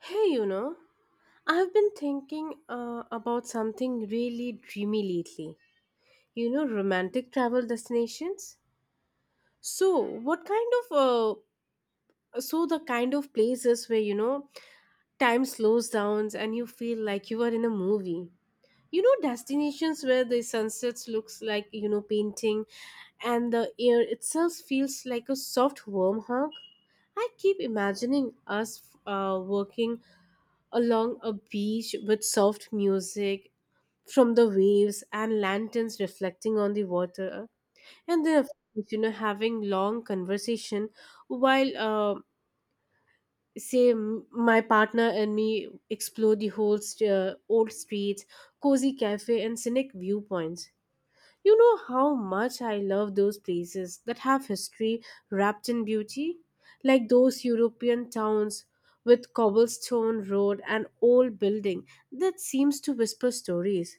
Hey, you know, I've been thinking about something really dreamy lately. You know, romantic travel destinations. So, what kind of so the kind of places where you know time slows down and you feel like you are in a movie. You know, destinations where the sunsets looks like you know painting, and the air itself feels like a soft warm hug. I keep imagining us working along a beach with soft music from the waves and lanterns reflecting on the water and then of course, you know having long conversation while say my partner and me explore the whole old streets, cozy cafe and scenic viewpoints. You know how much I love those places that have history wrapped in beauty? Like those European towns with cobblestone road and old building that seems to whisper stories.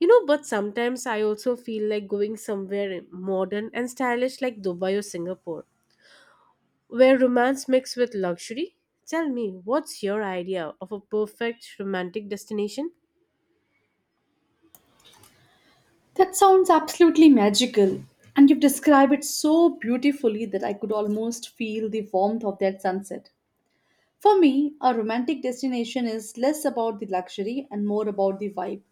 You know, but sometimes I also feel like going somewhere modern and stylish like Dubai or Singapore, where romance mixed with luxury. Tell me, what's your idea of a perfect romantic destination? That sounds absolutely magical. And you've described it so beautifully that I could almost feel the warmth of that sunset. For me, a romantic destination is less about the luxury and more about the vibe.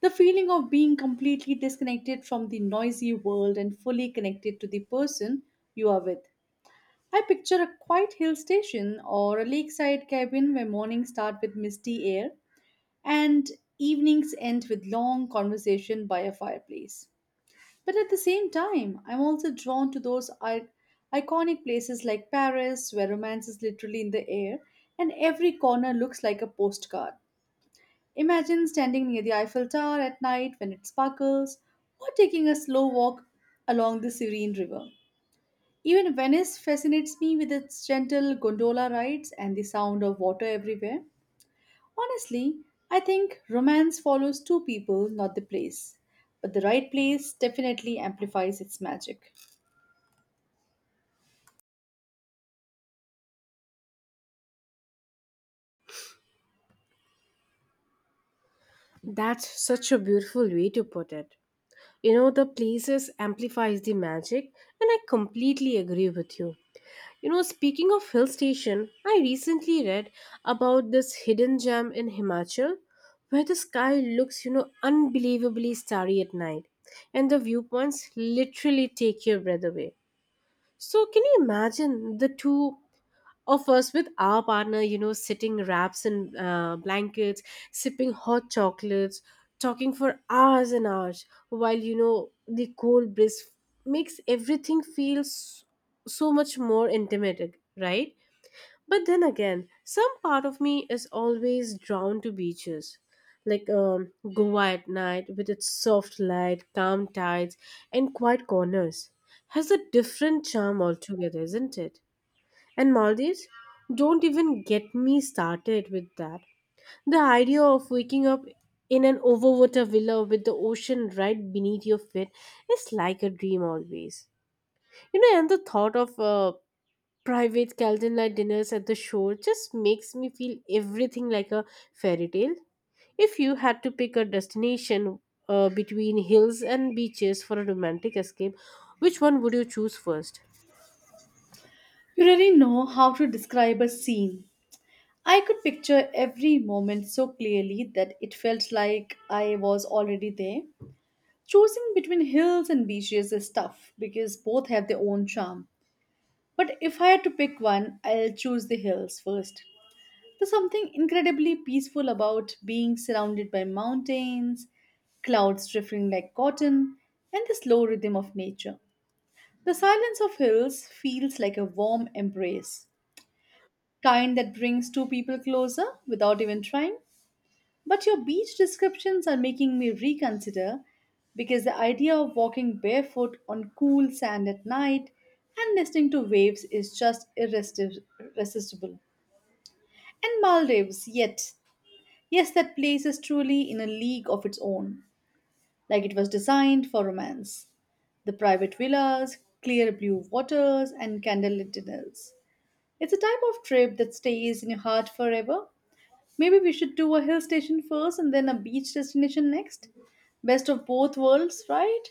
The feeling of being completely disconnected from the noisy world and fully connected to the person you are with. I picture a quiet hill station or a lakeside cabin where mornings start with misty air and evenings end with long conversation by a fireplace. But at the same time, I'm also drawn to those iconic places like Paris, where romance is literally in the air and every corner looks like a postcard. Imagine standing near the Eiffel Tower at night when it sparkles, or taking a slow walk along the serene river. Even Venice fascinates me with its gentle gondola rides and the sound of water everywhere. Honestly, I think romance follows two people, not the place. But the right place definitely amplifies its magic. That's such a beautiful way to put it. You know, the places amplifies the magic and I completely agree with you. You know, speaking of hill station, I recently read about this hidden gem in Himachal where the sky looks you know unbelievably starry at night, and the viewpoints literally take your breath away. So can you imagine the two of us with our partner, you know, sitting wraps and blankets, sipping hot chocolates, talking for hours and hours, while, you know, the cold breeze makes everything feel so much more intimate, right? But then again, some part of me is always drawn to beaches. Like Goa at night with its soft light, calm tides, and quiet corners has a different charm altogether, isn't it? And Maldives? Don't even get me started with that. The idea of waking up in an overwater villa with the ocean right beneath your feet is like a dream always. You know, and the thought of private candlelight dinners at the shore just makes me feel everything like a fairy tale. If you had to pick a destination between hills and beaches for a romantic escape, which one would you choose first? You really know how to describe a scene. I could picture every moment so clearly that it felt like I was already there. Choosing between hills and beaches is tough because both have their own charm. But if I had to pick one, I'll choose the hills first. There's something incredibly peaceful about being surrounded by mountains, clouds drifting like cotton, and the slow rhythm of nature. The silence of hills feels like a warm embrace, kind that brings two people closer without even trying. But your beach descriptions are making me reconsider because the idea of walking barefoot on cool sand at night and listening to waves is just irresistible. And Maldives, yet, yes, that place is truly in a league of its own, like it was designed for romance: the private villas, clear blue waters, and candlelit dinners. It's a type of trip that stays in your heart forever. Maybe we should do a hill station first and then a beach destination next. Best of both worlds, right?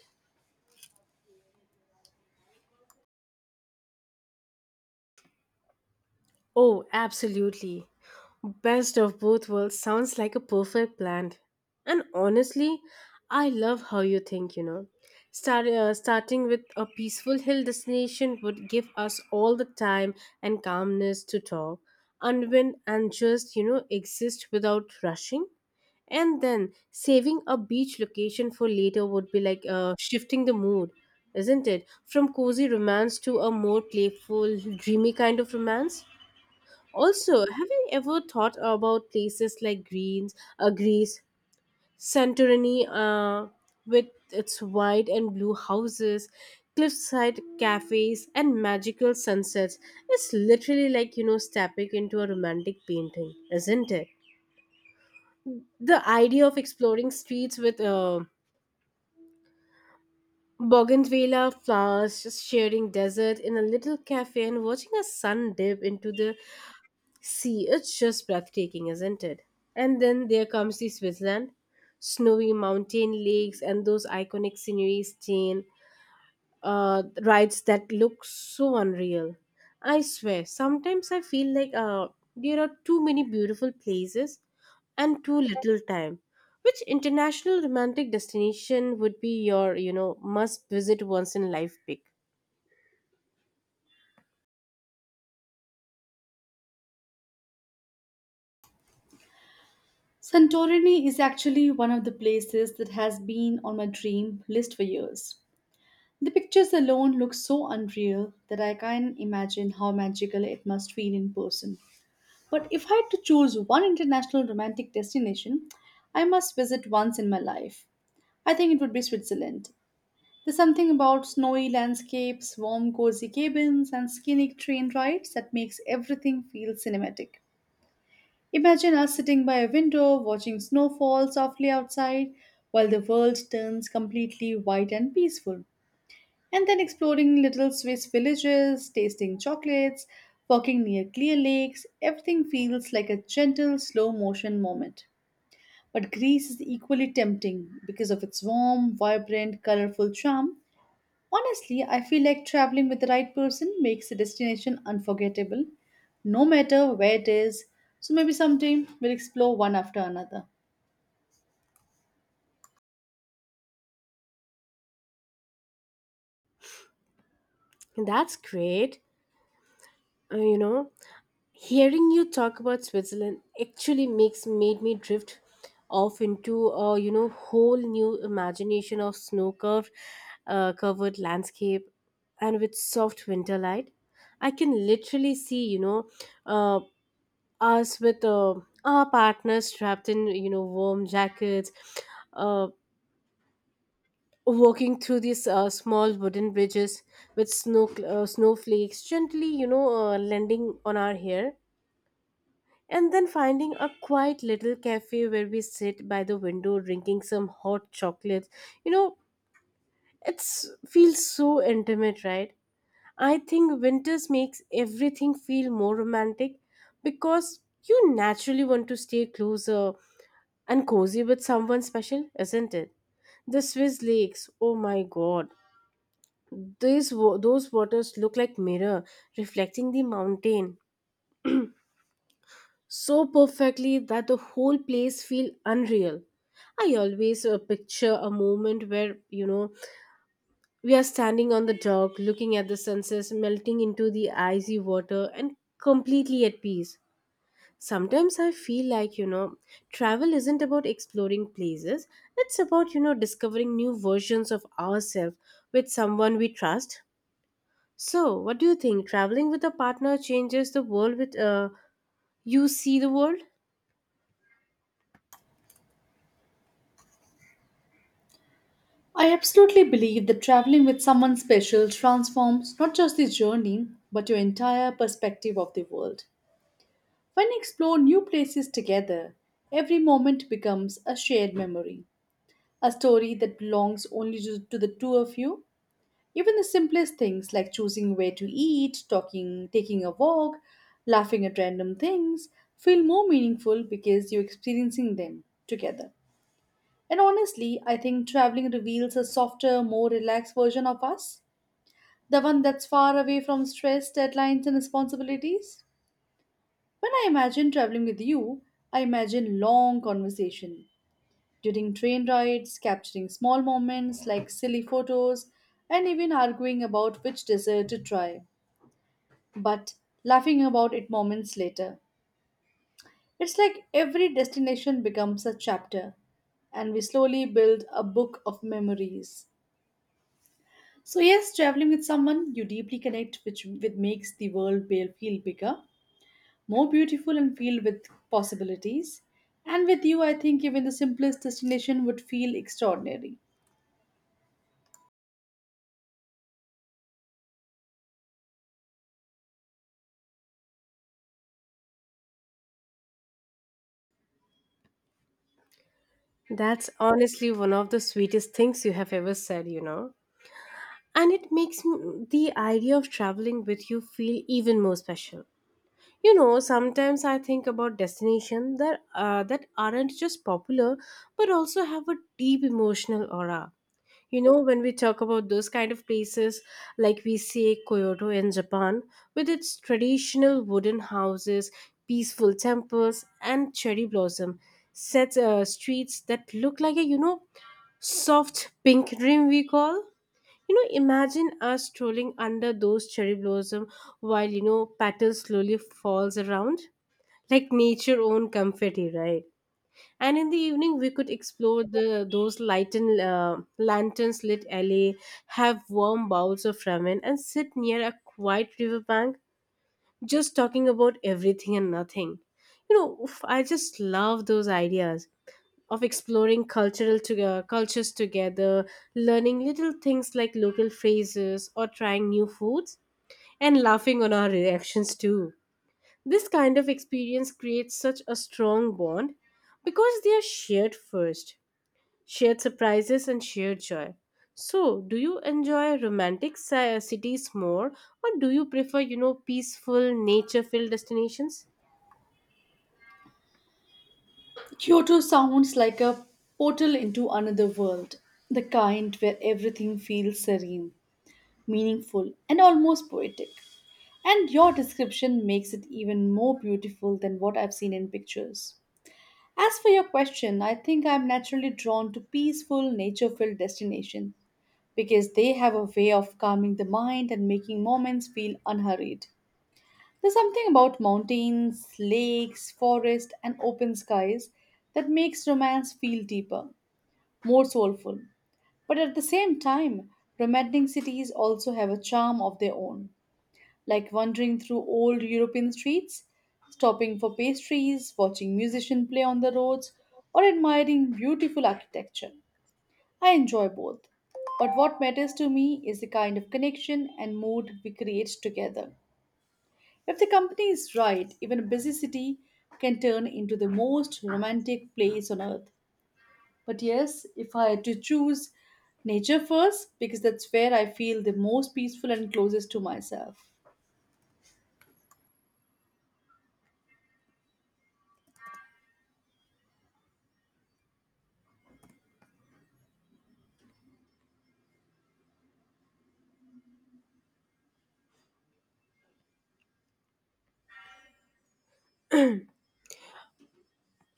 Oh, absolutely. Best of both worlds sounds like a perfect plan. And honestly, I love how you think, you know. Starting with a peaceful hill destination would give us all the time and calmness to talk, unwind, and just, you know, exist without rushing. And then saving a beach location for later would be like shifting the mood, isn't it? From cozy romance to a more playful, dreamy kind of romance. Also, have you ever thought about places like Greece, Santorini, with its white and blue houses, cliffside cafes, and magical sunsets? It's literally like you know stepping into a romantic painting, isn't it? The idea of exploring streets with bougainvillea flowers, just sharing desert in a little cafe, and watching a sun dip into the See, it's just breathtaking, isn't it? And then there comes the Switzerland, snowy mountain lakes, and those iconic sceneries, chain rides that look so unreal. I swear, sometimes I feel like there are too many beautiful places and too little time. Which international romantic destination would be your, you know, must visit once in life pick? Santorini is actually one of the places that has been on my dream list for years. The pictures alone look so unreal that I can't imagine how magical it must feel in person. But if I had to choose one international romantic destination, I must visit once in my life. I think it would be Switzerland. There's something about snowy landscapes, warm, cozy cabins, and scenic train rides that makes everything feel cinematic. Imagine us sitting by a window watching snow fall softly outside while the world turns completely white and peaceful. And then exploring little Swiss villages, tasting chocolates, walking near clear lakes, everything feels like a gentle, slow motion moment. But Greece is equally tempting because of its warm, vibrant, colorful charm. Honestly, I feel like traveling with the right person makes the destination unforgettable, no matter where it is. So maybe someday we'll explore one after another. That's great. You know, hearing you talk about Switzerland actually makes made me drift off into a you know whole new imagination of snow curved covered landscape and with soft winter light. I can literally see, you know, uh, us with our partners trapped in you know warm jackets, uh, walking through these small wooden bridges with snowflakes gently you know landing on our hair, and then finding a quiet little cafe where we sit by the window drinking some hot chocolates. You know, it's feels so intimate, right? I think winters makes everything feel more romantic because you naturally want to stay closer and cozy with someone special, isn't it? The Swiss lakes, oh my god, those waters look like mirror reflecting the mountain so perfectly that the whole place feel unreal. I always picture a moment where, you know, we are standing on the dock looking at the sunsets melting into the icy water and completely at peace. Sometimes I feel like, you know, travel isn't about exploring places, it's about, you know, discovering new versions of ourselves with someone we trust. So, what do you think? Traveling with a partner changes the world with you see the world? I absolutely believe that traveling with someone special transforms not just the journey, but your entire perspective of the world. When you explore new places together, every moment becomes a shared memory, a story that belongs only to the two of you. Even the simplest things like choosing where to eat, talking, taking a walk, laughing at random things feel more meaningful because you're experiencing them together. And honestly, I think traveling reveals a softer, more relaxed version of us, the one that's far away from stress, deadlines, and responsibilities. When I imagine traveling with you, I imagine long conversation during train rides, capturing small moments like silly photos, and even arguing about which dessert to try, but laughing about it moments later. It's like every destination becomes a chapter, and we slowly build a book of memories. So, yes, traveling with someone you deeply connect, which makes the world feel bigger, more beautiful, and filled with possibilities. And with you, I think even the simplest destination would feel extraordinary. That's honestly one of the sweetest things you have ever said, you know. And it makes the idea of traveling with you feel even more special. You know, sometimes I think about destinations that that aren't just popular but also have a deep emotional aura. You know, when we talk about those kind of places, like we say Kyoto in Japan, with its traditional wooden houses, peaceful temples, and cherry blossom set streets that look like a you know soft pink dream we call. You know, imagine us strolling under those cherry blossom while you know petals slowly falls around like nature own confetti, right? And in the evening we could explore the those lightened lanterns lit alley, have warm bowls of ramen and sit near a quiet river bank just talking about everything and nothing. You know, oof, I just love those ideas of exploring cultures together, learning little things like local phrases or trying new foods, and laughing on our reactions too. This kind of experience creates such a strong bond because they are shared first, shared surprises, and shared joy. So, do you enjoy romantic cities more, or do you prefer, you know, peaceful, nature filled destinations? Kyoto sounds like a portal into another world, the kind where everything feels serene, meaningful, and almost poetic. And your description makes it even more beautiful than what I've seen in pictures. As for your question, I think I'm naturally drawn to peaceful, nature filled destinations because they have a way of calming the mind and making moments feel unhurried. There's something about mountains, lakes, forests, and open skies that makes romance feel deeper, more soulful. But at the same time, romantic cities also have a charm of their own, like wandering through old European streets, stopping for pastries, watching musicians play on the roads, or admiring beautiful architecture. I enjoy both. But what matters to me is the kind of connection and mood we create together. If the company is right, even a busy city can turn into the most romantic place on earth. But yes, if I had to choose, nature first, because that's where I feel the most peaceful and closest to myself.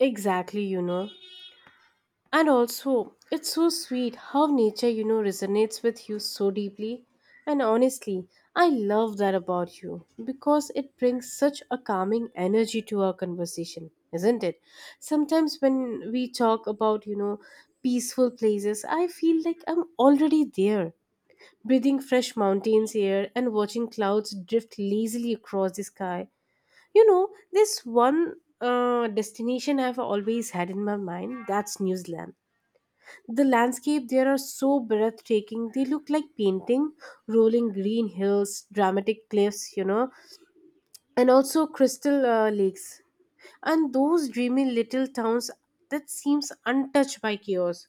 Exactly, you know. And also, it's so sweet how nature, you know, resonates with you so deeply. And honestly, I love that about you because it brings such a calming energy to our conversation, isn't it? Sometimes when we talk about, you know, peaceful places, I feel like I'm already there, breathing fresh mountains air and watching clouds drift lazily across the sky. You know, this one destination I've always had in my mind, that's New Zealand. The landscape there are so breathtaking. They look like painting, rolling green hills, dramatic cliffs, you know, and also crystal lakes. And those dreamy little towns that seems untouched by chaos.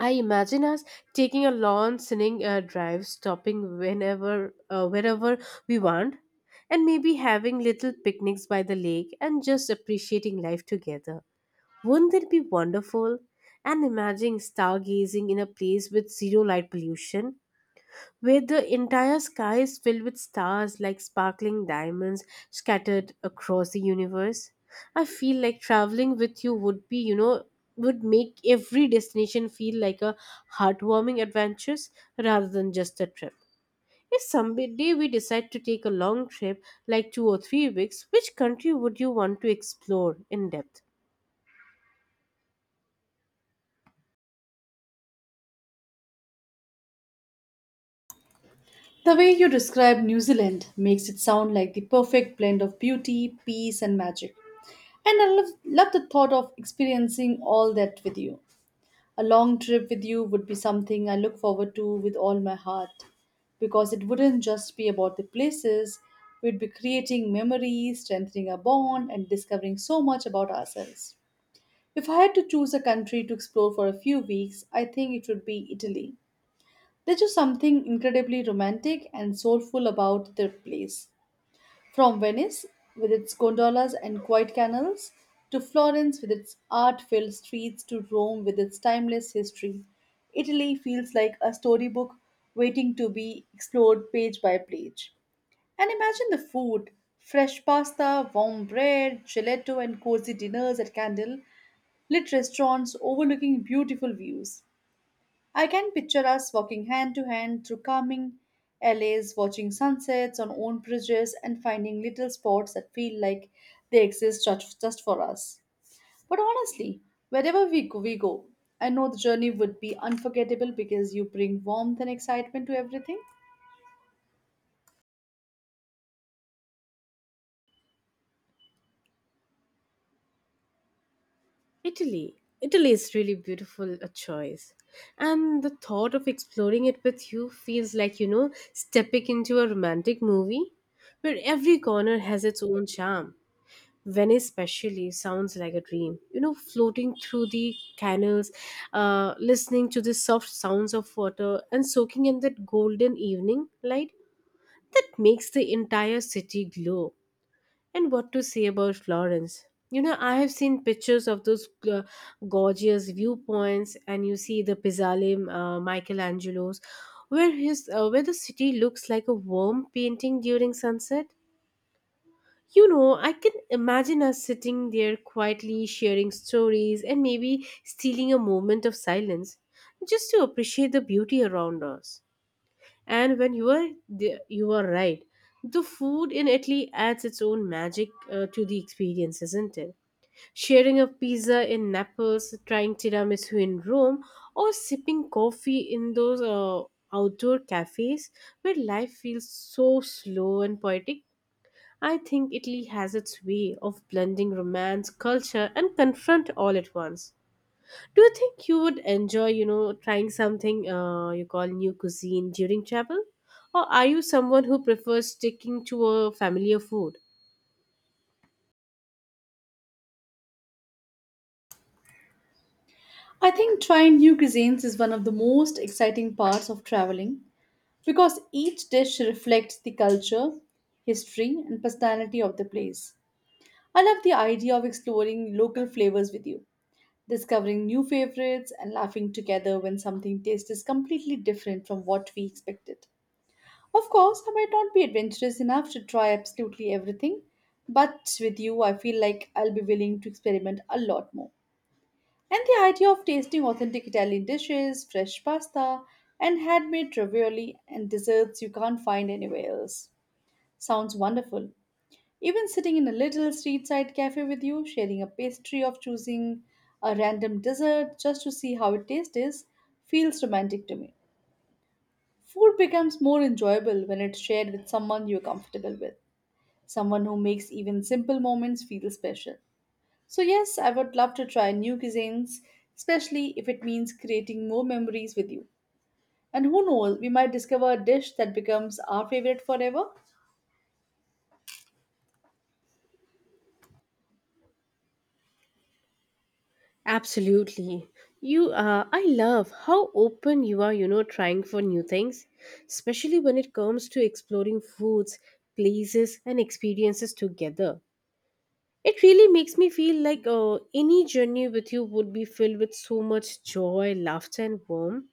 I imagine us taking a long sinning drive, stopping whenever, wherever we want, and maybe having little picnics by the lake and just appreciating life together. Wouldn't it be wonderful? And imagine stargazing in a place with zero light pollution, where the entire sky is filled with stars like sparkling diamonds scattered across the universe. I feel like traveling with you would be, you know, would make every destination feel like a heartwarming adventure rather than just a trip. If someday we decide to take a long trip, like 2 or 3 weeks, which country would you want to explore in depth? The way you describe New Zealand makes it sound like the perfect blend of beauty, peace, and magic. And I love, love the thought of experiencing all that with you. A long trip with you would be something I look forward to with all my heart because it wouldn't just be about the places, we'd be creating memories, strengthening our bond, and discovering so much about ourselves. If I had to choose a country to explore for a few weeks, I think it would be Italy. There's just something incredibly romantic and soulful about their place. From Venice, with its gondolas and quiet canals, to Florence, with its art filled streets, to Rome, with its timeless history, Italy feels like a storybook waiting to be explored page by page. And imagine the food: fresh pasta, warm bread, gelato, and cozy dinners at Candle, lit restaurants overlooking beautiful views. I can picture us walking hand to hand through calming alleys, watching sunsets on own bridges, and finding little spots that feel like they exist just for us. But honestly, wherever we go, I know the journey would be unforgettable because you bring warmth and excitement to everything. Italy. Italy is really beautiful a choice. And the thought of exploring it with you feels like, you know, stepping into a romantic movie where every corner has its own charm. Venice, especially, sounds like a dream. You know, floating through the canals, listening to the soft sounds of water, and soaking in that golden evening light that makes the entire city glow. And what to say about Florence? You know, I have seen pictures of those gorgeous viewpoints, and you see the Michelangelo's, where his where the city looks like a warm painting during sunset. You know, I can imagine us sitting there quietly sharing stories and maybe stealing a moment of silence just to appreciate the beauty around us. And when you are there, you are right. The food in Italy adds its own magic to the experience, isn't it? Sharing a pizza in Naples, trying tiramisu in Rome, or sipping coffee in those outdoor cafes where life feels so slow and poetic. I think Italy has its way of blending romance, culture and confront all at once. Do you think you would enjoy, you know, trying something you call new cuisine during travel? Or are you someone who prefers sticking to a familiar food? I think trying new cuisines is one of the most exciting parts of traveling because each dish reflects the culture, history, and personality of the place. I love the idea of exploring local flavors with you, discovering new favorites, and laughing together when something tastes completely different from what we expected. Of course, I might not be adventurous enough to try absolutely everything, but with you, I feel like I'll be willing to experiment a lot more. And the idea of tasting authentic Italian dishes, fresh pasta, and handmade ravioli and desserts you can't find anywhere else sounds wonderful. Even sitting in a little street side cafe with you, sharing a pastry of choosing a random dessert just to see how it tastes, feels romantic to me. Food becomes more enjoyable when it's shared with someone you're comfortable with, someone who makes even simple moments feel special. So, yes, I would love to try new cuisines, especially if it means creating more memories with you. And who knows, we might discover a dish that becomes our favorite forever. Absolutely. You I love how open you are, you know, trying for new things, especially when it comes to exploring foods, places, and experiences together. It really makes me feel like any journey with you would be filled with so much joy, laughter, and warmth.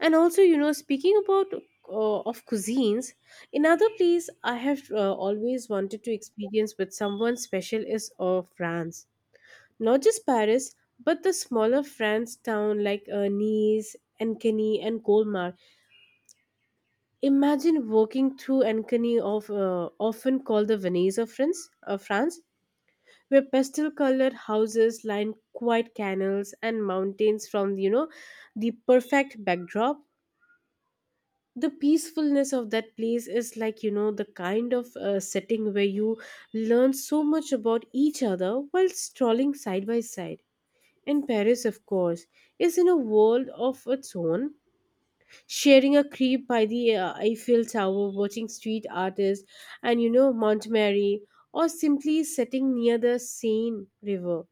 And also, you know, speaking about of cuisines, another place I have always wanted to experience with someone special is France. Not just Paris, but the smaller France town like Nice, Ankeny, and Colmar. Imagine walking through Ankeny, of often called the Venice of France, where pastel colored houses line quiet canals and mountains from, you know, the perfect backdrop. The peacefulness of that place is like, you know, the kind of setting where you learn so much about each other while strolling side by side. And Paris, of course, is in a world of its own. Sharing a creep by the Eiffel Tower, watching street artists and, you know, Montmartre, or simply sitting near the Seine River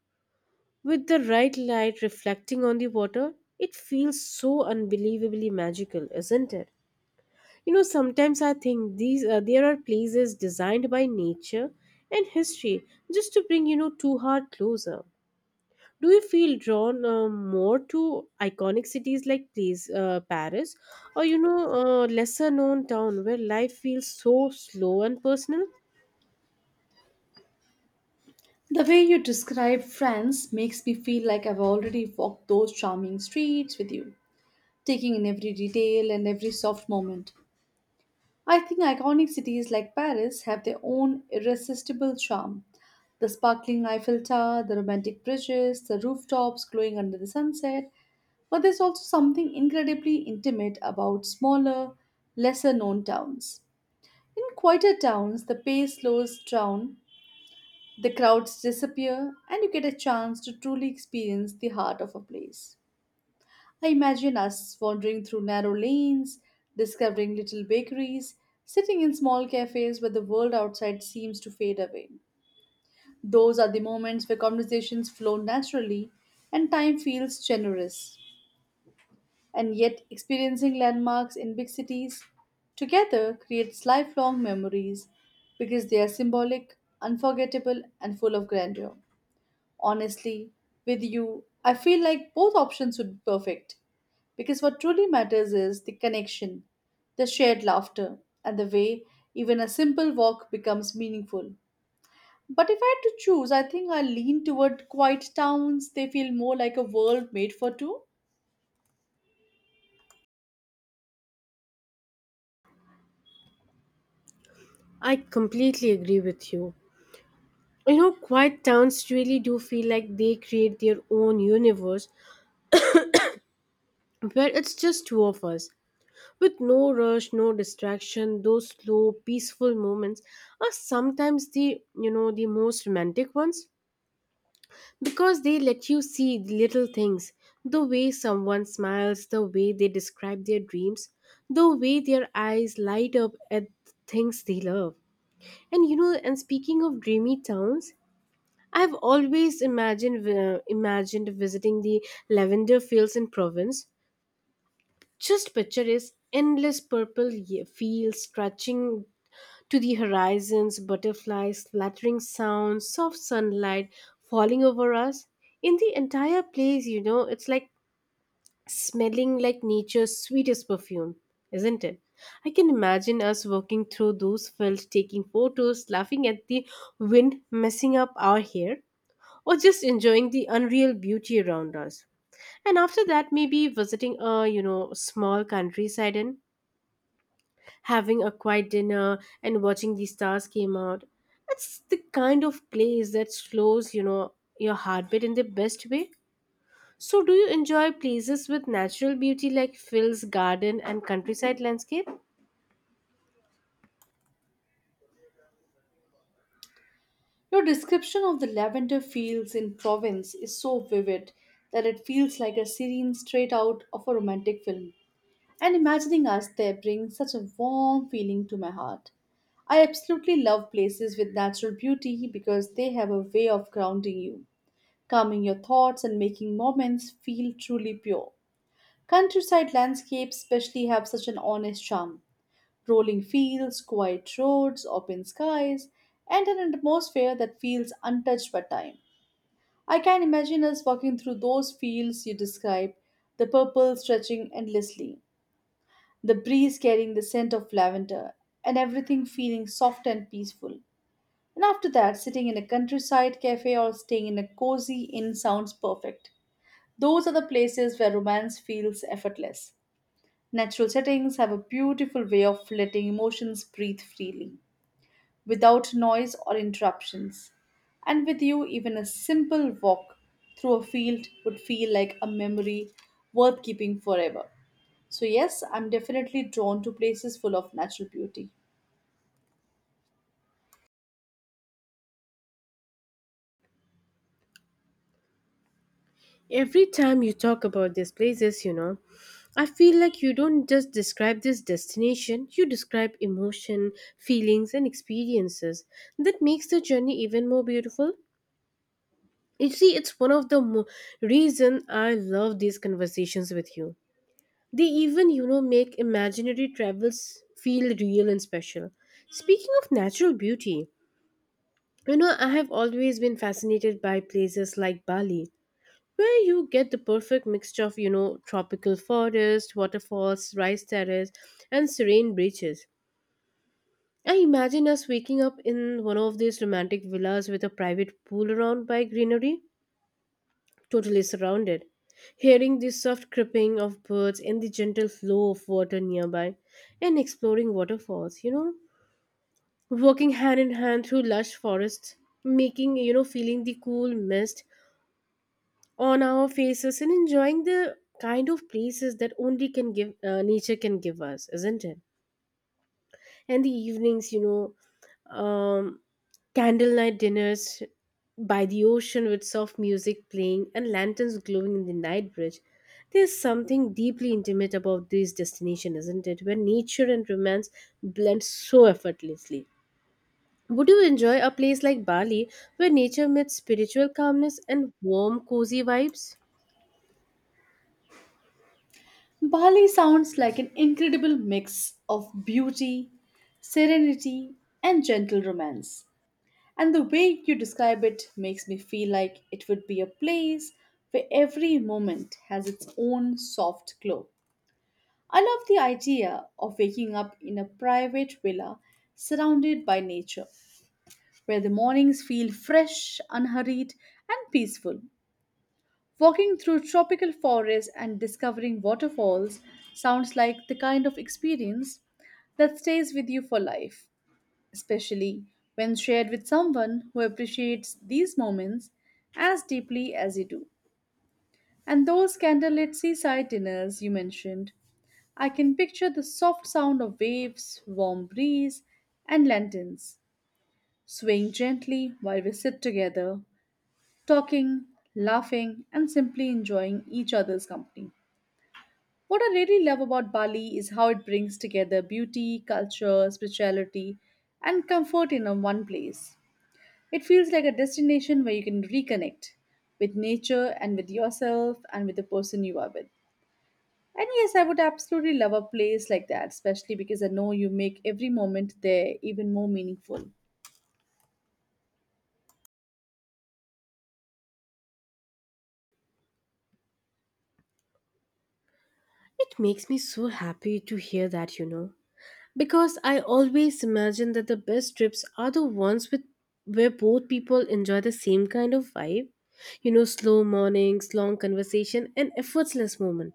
with the right light reflecting on the water. It feels so unbelievably magical, isn't it? You know, sometimes I think these there are places designed by nature and history just to bring, you know, two heart closer. Do you feel drawn more to iconic cities like Paris, or, you know, lesser known town where life feels so slow and personal? The way you describe France makes me feel like I've already walked those charming streets with you, taking in every detail and every soft moment. I think iconic cities like Paris have their own irresistible charm: the sparkling Eiffel Tower, the romantic bridges, the rooftops glowing under the sunset, but there's also something incredibly intimate about smaller, lesser known towns. In quieter towns, the pace slows down, the crowds disappear, and you get a chance to truly experience the heart of a place. I imagine us wandering through narrow lanes, discovering little bakeries, sitting in small cafes where the world outside seems to fade away. Those are the moments where conversations flow naturally and time feels generous. And yet, experiencing landmarks in big cities together creates lifelong memories because they are symbolic, unforgettable, and full of grandeur. Honestly, with you, I feel like both options would be perfect because what truly matters is the connection, the shared laughter, and the way even a simple walk becomes meaningful. But if I had to choose, I think I lean toward quiet towns. They feel more like a world made for two. I completely agree with you. You know, quiet towns really do feel like they create their own universe where it's just two of us. With no rush, no distraction, those slow, peaceful moments are sometimes the you know the most romantic ones, because they let you see the little things, the way someone smiles, the way they describe their dreams, the way their eyes light up at things they love. And you know, and speaking of dreamy towns, I've always imagined visiting the lavender fields in Provence. Just picture is endless purple fields stretching to the horizons, butterflies, fluttering sounds, soft sunlight falling over us. In the entire place, you know, it's like smelling like nature's sweetest perfume, isn't it? I can imagine us walking through those fields, taking photos, laughing at the wind messing up our hair, or just enjoying the unreal beauty around us. And after that, maybe visiting a, you know, small countryside and having a quiet dinner and watching the stars came out. It's the kind of place that slows, you know, your heartbeat in the best way. So do you enjoy places with natural beauty like Phil's garden and countryside landscape? Your description of the lavender fields in Provence is so vivid that it feels like a scene straight out of a romantic film. And imagining us there brings such a warm feeling to my heart. I absolutely love places with natural beauty because they have a way of grounding you, calming your thoughts, and making moments feel truly pure. Countryside landscapes, especially, have such an honest charm: rolling fields, quiet roads, open skies, and an atmosphere that feels untouched by time. I can imagine us walking through those fields you describe, the purple stretching endlessly, the breeze carrying the scent of lavender, and everything feeling soft and peaceful. And after that, sitting in a countryside cafe or staying in a cozy inn sounds perfect. Those are the places where romance feels effortless. Natural settings have a beautiful way of letting emotions breathe freely, without noise or interruptions. And with you, even a simple walk through a field would feel like a memory worth keeping forever. So, yes, I'm definitely drawn to places full of natural beauty. Every time you talk about these places, you know, I feel like you don't just describe this destination, you describe emotion, feelings, and experiences. That makes the journey even more beautiful. You see, it's one of reason I love these conversations with you. They even, you know, make imaginary travels feel real and special. Speaking of natural beauty, you know, I have always been fascinated by places like Bali, where you get the perfect mixture of, you know, tropical forest, waterfalls, rice terraces, and serene beaches. I imagine us waking up in one of these romantic villas with a private pool around by greenery totally surrounded. Hearing the soft chirping of birds and the gentle flow of water nearby, and exploring waterfalls, you know, walking hand in hand through lush forests, making, you know, feeling the cool mist on our faces and enjoying the kind of places that only can give nature can give us, isn't it? And the evenings, you know, candlelight dinners by the ocean with soft music playing and lanterns glowing in the night bridge. There's something deeply intimate about this destination, isn't it, where nature and romance blend so effortlessly. Would you enjoy a place like Bali where nature meets spiritual calmness and warm cozy vibes? Bali sounds like an incredible mix of beauty, serenity, and gentle romance. And the way you describe it makes me feel like it would be a place where every moment has its own soft glow. I love the idea of waking up in a private villa surrounded by nature, where the mornings feel fresh, unhurried, and peaceful. Walking through tropical forests and discovering waterfalls sounds like the kind of experience that stays with you for life, especially when shared with someone who appreciates these moments as deeply as you do. And those candlelit seaside dinners you mentioned, I can picture the soft sound of waves, warm breeze, and lanterns swaying gently while we sit together, talking, laughing, and simply enjoying each other's company. What I really love about Bali is how it brings together beauty, culture, spirituality, and comfort in a one place. It feels like a destination where you can reconnect with nature and with yourself and with the person you are with. And yes, I would absolutely love a place like that, especially because I know you make every moment there even more meaningful. It makes me so happy to hear that, you know. Because I always imagine that the best trips are the ones with where both people enjoy the same kind of vibe. You know, slow mornings, long conversation, and effortless moment.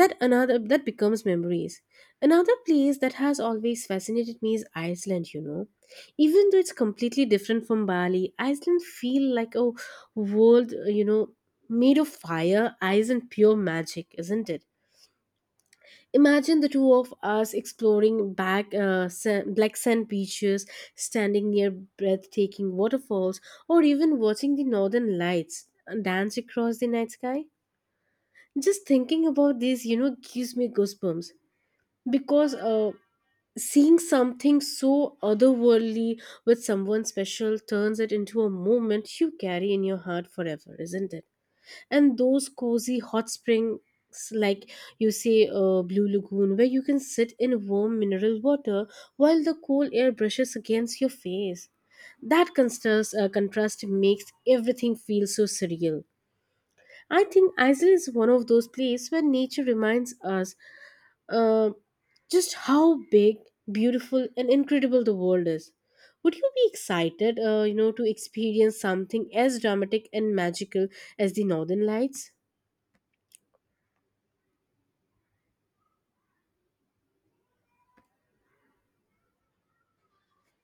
That another that becomes memories. Another place that has always fascinated me is Iceland, you know. Even though it's completely different from Bali, Iceland feel like a world, you know, made of fire, ice, and pure magic, isn't it? Imagine the two of us exploring black sand beaches, standing near breathtaking waterfalls, or even watching the northern lights dance across the night sky. Just thinking about this, you know, gives me goosebumps because seeing something so otherworldly with someone special turns it into a moment you carry in your heart forever, isn't it? And those cozy hot springs like, you say, blue lagoon, where you can sit in warm mineral water while the cool air brushes against your face. That contrast makes everything feel so surreal. I think Iceland is one of those places where nature reminds us uh, just how big, beautiful, and incredible the world is. Would you be excited, you know, to experience something as dramatic and magical as the northern lights?